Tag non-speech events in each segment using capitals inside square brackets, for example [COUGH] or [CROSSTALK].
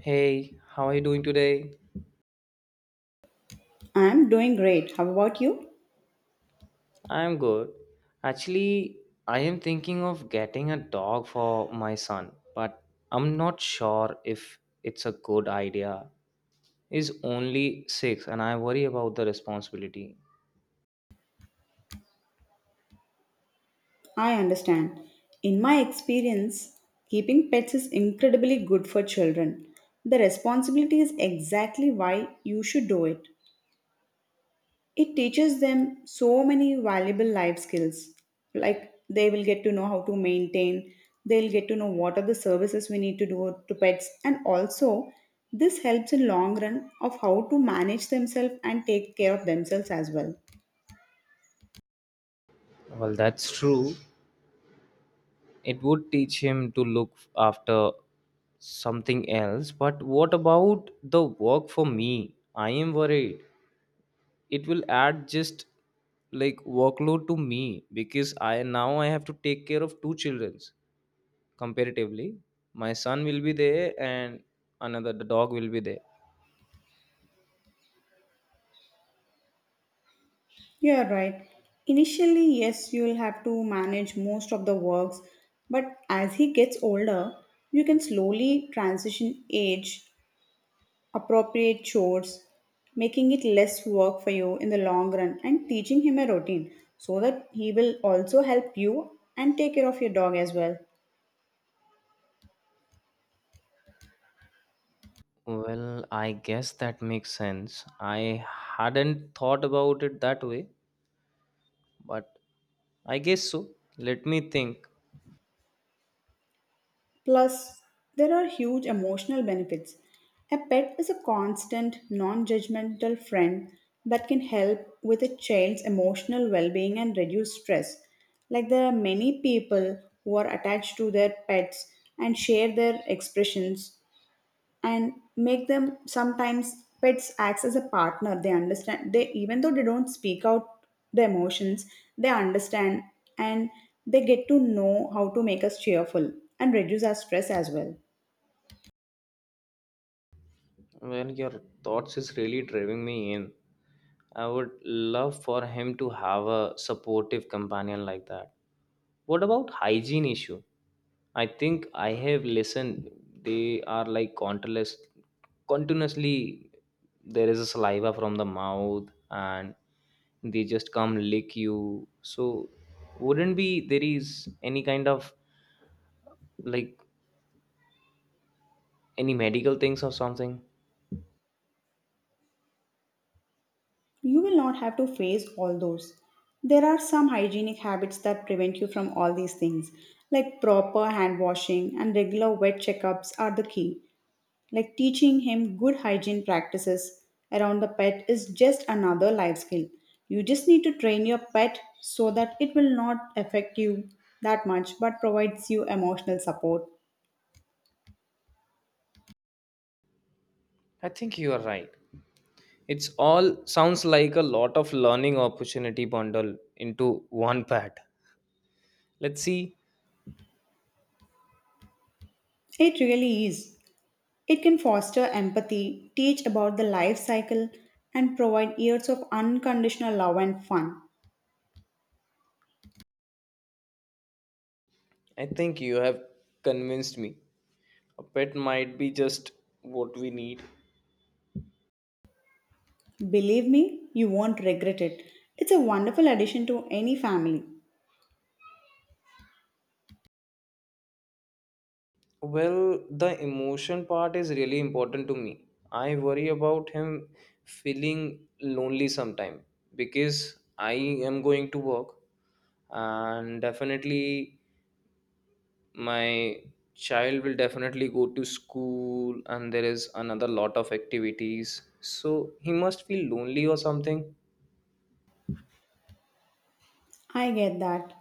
Hey, how are you doing today? I'm doing great. How about you? I'm good. Actually, I am thinking of getting a dog for my son, but I'm not sure if it's a good idea. He's only six, and I worry about the responsibility. I understand. In my experience, keeping pets is incredibly good for children. The responsibility is exactly why you should do it. It teaches them so many valuable life skills. Like they will get to know how to maintain, they'll get to know what are the services we need to do to pets, and also this helps in long run of how to manage themselves and take care of themselves as well. Well, that's true. It would teach him to look after something else, but what about the work for me? I am worried. It will add just like workload to me because I now I have to take care of two childrens comparatively. My son will be there, and another the dog will be there. You are right. Initially, yes, you'll have to manage most of the works, but as he gets older, you can slowly transition age appropriate chores, making it less work for you in the long run, and teaching him a routine so that he will also help you and take care of your dog as well. Well, I guess that makes sense. I hadn't thought about it that way, but I guess so. Let me think. Plus, there are huge emotional benefits. A pet is a constant, non judgmental friend that can help with a child's emotional well being and reduce stress. Like, there are many people who are attached to their pets and share their expressions and make them sometimes pets acts as a partner they understand they even though they don't speak out the emotions they understand, and they get to know how to make us cheerful and reduce our stress as well. Well, your thoughts is really driving me in. I would love for him to have a supportive companion like that. What about hygiene issue? I think I have listened. They are like countless, continuously. There is a saliva from the mouth, and they just come lick you. So, wouldn't be there is any kind of like any medical things or something? You will not have to face all those. There are some hygienic habits that prevent you from all these things like proper hand washing and regular wet checkups are the key. Like teaching him good hygiene practices around the pet is just another life skill. You just need to train your pet so that it will not affect you that much but provides you emotional support. I think you are right. It's all sounds like a lot of learning opportunity bundle into one [LAUGHS] pad. Let's see. It really is. It can foster empathy, teach about the life cycle, and provide years of unconditional love and fun. I think you have convinced me. A pet might be just what we need. Believe me, you won't regret it. It's a wonderful addition to any family. Well, the emotion part is really important to me. I worry about him feeling lonely sometime because I am going to work, and definitely my child will definitely go to school and there is another lot of activities, so he must feel lonely or something. I get that.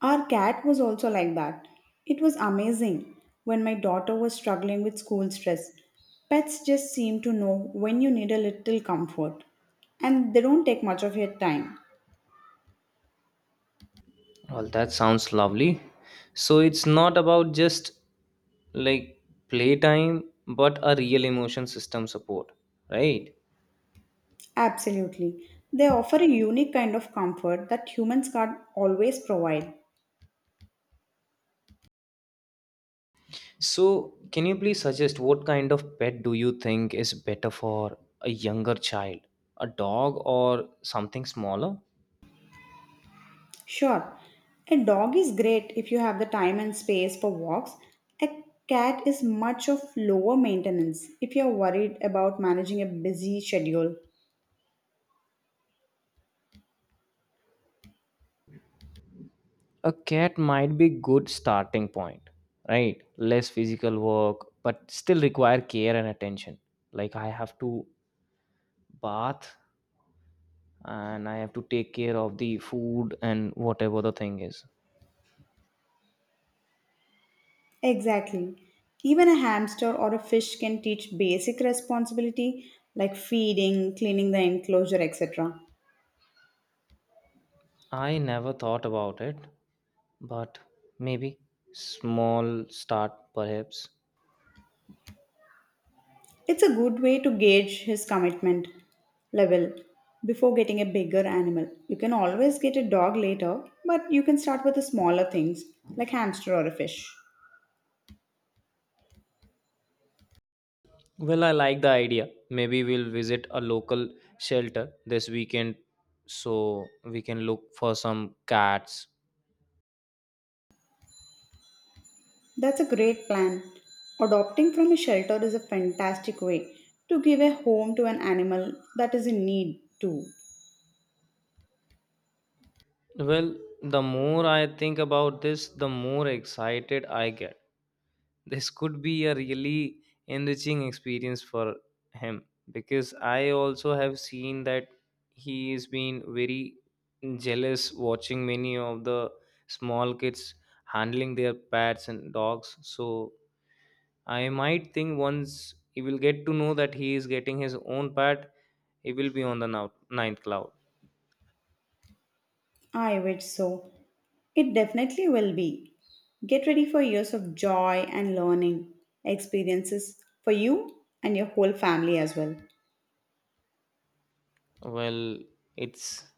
Our cat was also like that. It was amazing when my daughter was struggling with school stress. Pets just seem to know when you need a little comfort, and they don't take much of your time. Well, that sounds lovely. So it's not about just like playtime but a real emotion system support, right? Absolutely. They offer a unique kind of comfort that humans can't always provide. So can you please suggest what kind of pet do you think is better for a younger child, a dog or something smaller? Sure, a dog is great if you have the time and space for walks. A cat is much of lower maintenance if you're worried about managing a busy schedule. A cat might be good starting point, right? Less physical work but still require care and attention. Like, I have to bath and I have to take care of the food and whatever the thing is. Exactly. Even a hamster or a fish can teach basic responsibility like feeding, cleaning the enclosure, etc. I never thought about it. But maybe small start perhaps. It's a good way to gauge his commitment level before getting a bigger animal. You can always get a dog later, but you can start with the smaller things like hamster or a fish. Well, I like the idea. Maybe we'll visit a local shelter this weekend so we can look for some cats. That's a great plan. Adopting from a shelter is a fantastic way to give a home to an animal that is in need too. Well, the more I think about this, the more excited I get. This could be a really enriching experience for him because I also have seen that he has been very jealous watching many of the small kids handling their pets and dogs. So I might think once he will get to know that he is getting his own pet, he will be on the ninth cloud. I wish so. It definitely will be. Get ready for years of joy and learning experiences for you and your whole family as well. Well, it's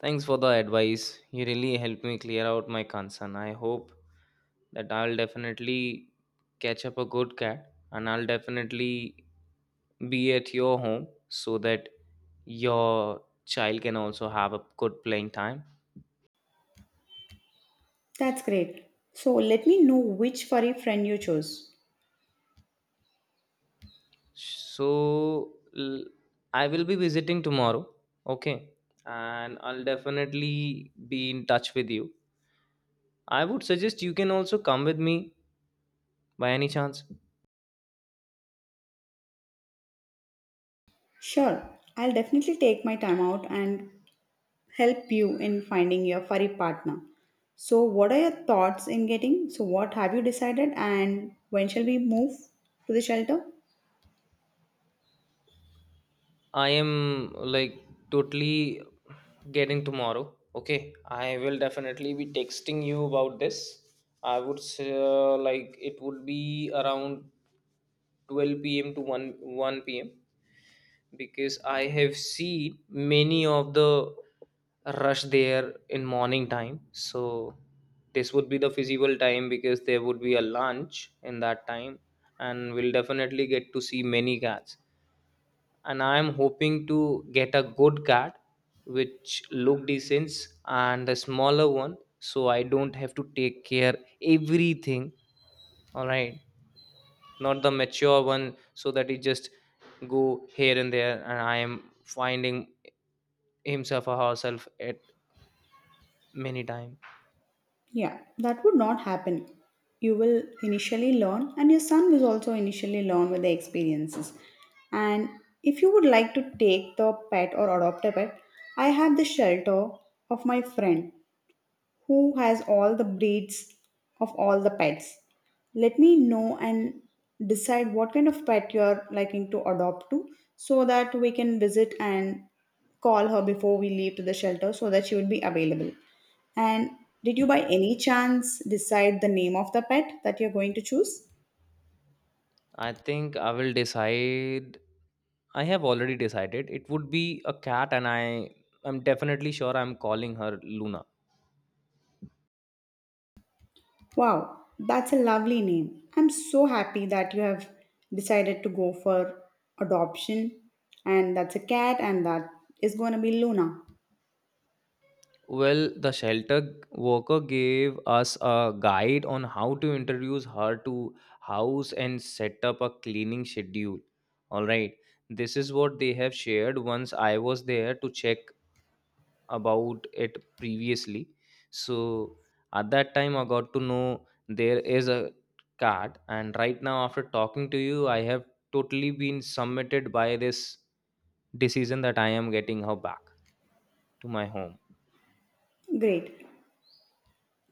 thanks for the advice. You really helped me clear out my concern. I hope that I'll definitely catch up a good cat and I'll definitely be at your home so that your child can also have a good playing time. That's great. So let me know which furry friend you chose. So, l- I will be visiting tomorrow, okay? And I'll definitely be in touch with you. I would suggest you can also come with me by any chance. Sure, I'll definitely take my time out and help you in finding your furry partner. So, what are your thoughts in getting? So, what have you decided, and when shall we move to the shelter? I am like totally getting tomorrow. Okay, I will definitely be texting you about this. I would say, like, it would be around 12 p.m. to 1 p.m. because I have seen many of the rush there in morning time. So this would be the feasible time because there would be a lunch in that time, and we'll definitely get to see many cats. And I am hoping to get a good cat which look decent and a smaller one so I don't have to take care everything. All right, not the mature one so that he just go here and there and I am finding himself or herself at many time. Yeah, that would not happen. You will initially learn, and your son will also initially learn with the experiences. And if you would like to take the pet or adopt a pet, I had the shelter of my friend who has all the breeds of all the pets. Let me know and decide what kind of pet you're liking to adopt to so that we can visit and call her before we leave to the shelter so that she would be available. And did you by any chance decide the name of the pet that you're going to choose? I think I will decide. I have already decided it would be a cat, and I'm definitely sure I'm calling her Luna. Wow, that's a lovely name. I'm so happy that you have decided to go for adoption. And that's a cat, and that is going to be Luna. Well, the shelter worker gave us a guide on how to introduce her to house and set up a cleaning schedule. All right. This is what they have shared once I was there to check about it previously. So at that time I got to know there is a cat, and right now after talking to you I have totally been submitted by this decision that I am getting her back to my home. Great.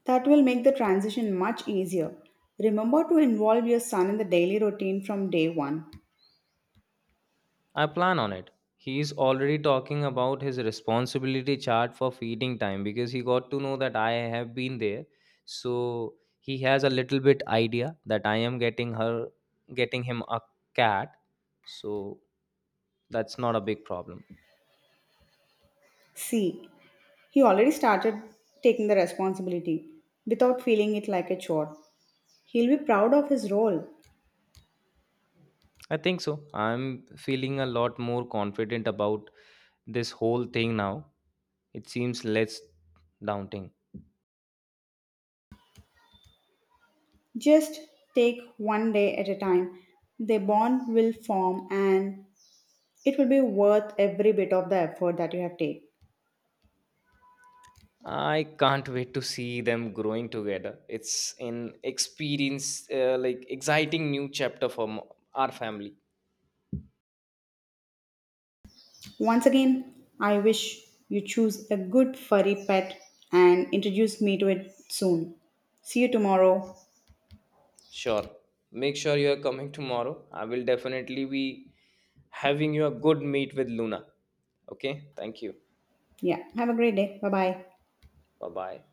That will make the transition much easier. Remember to involve your son in the daily routine from day one. I plan on it. He's already talking about his responsibility chart for feeding time because he got to know that I have been there. So he has a little bit idea that I am getting him a cat. So that's not a big problem. See, he already started taking the responsibility without feeling it like a chore. He'll be proud of his role. I think so. I'm feeling a lot more confident about this whole thing now. It seems less daunting. Just take one day at a time. The bond will form and it will be worth every bit of the effort that you have taken. I can't wait to see them growing together. It's an experience, like, exciting new chapter for our family. Once again, I wish you choose a good furry pet and introduce me to it soon. See you tomorrow. Sure, make sure you are coming tomorrow. I will definitely be having you a good meet with Luna. Okay, thank you. Yeah, have a great day. Bye bye. Bye bye.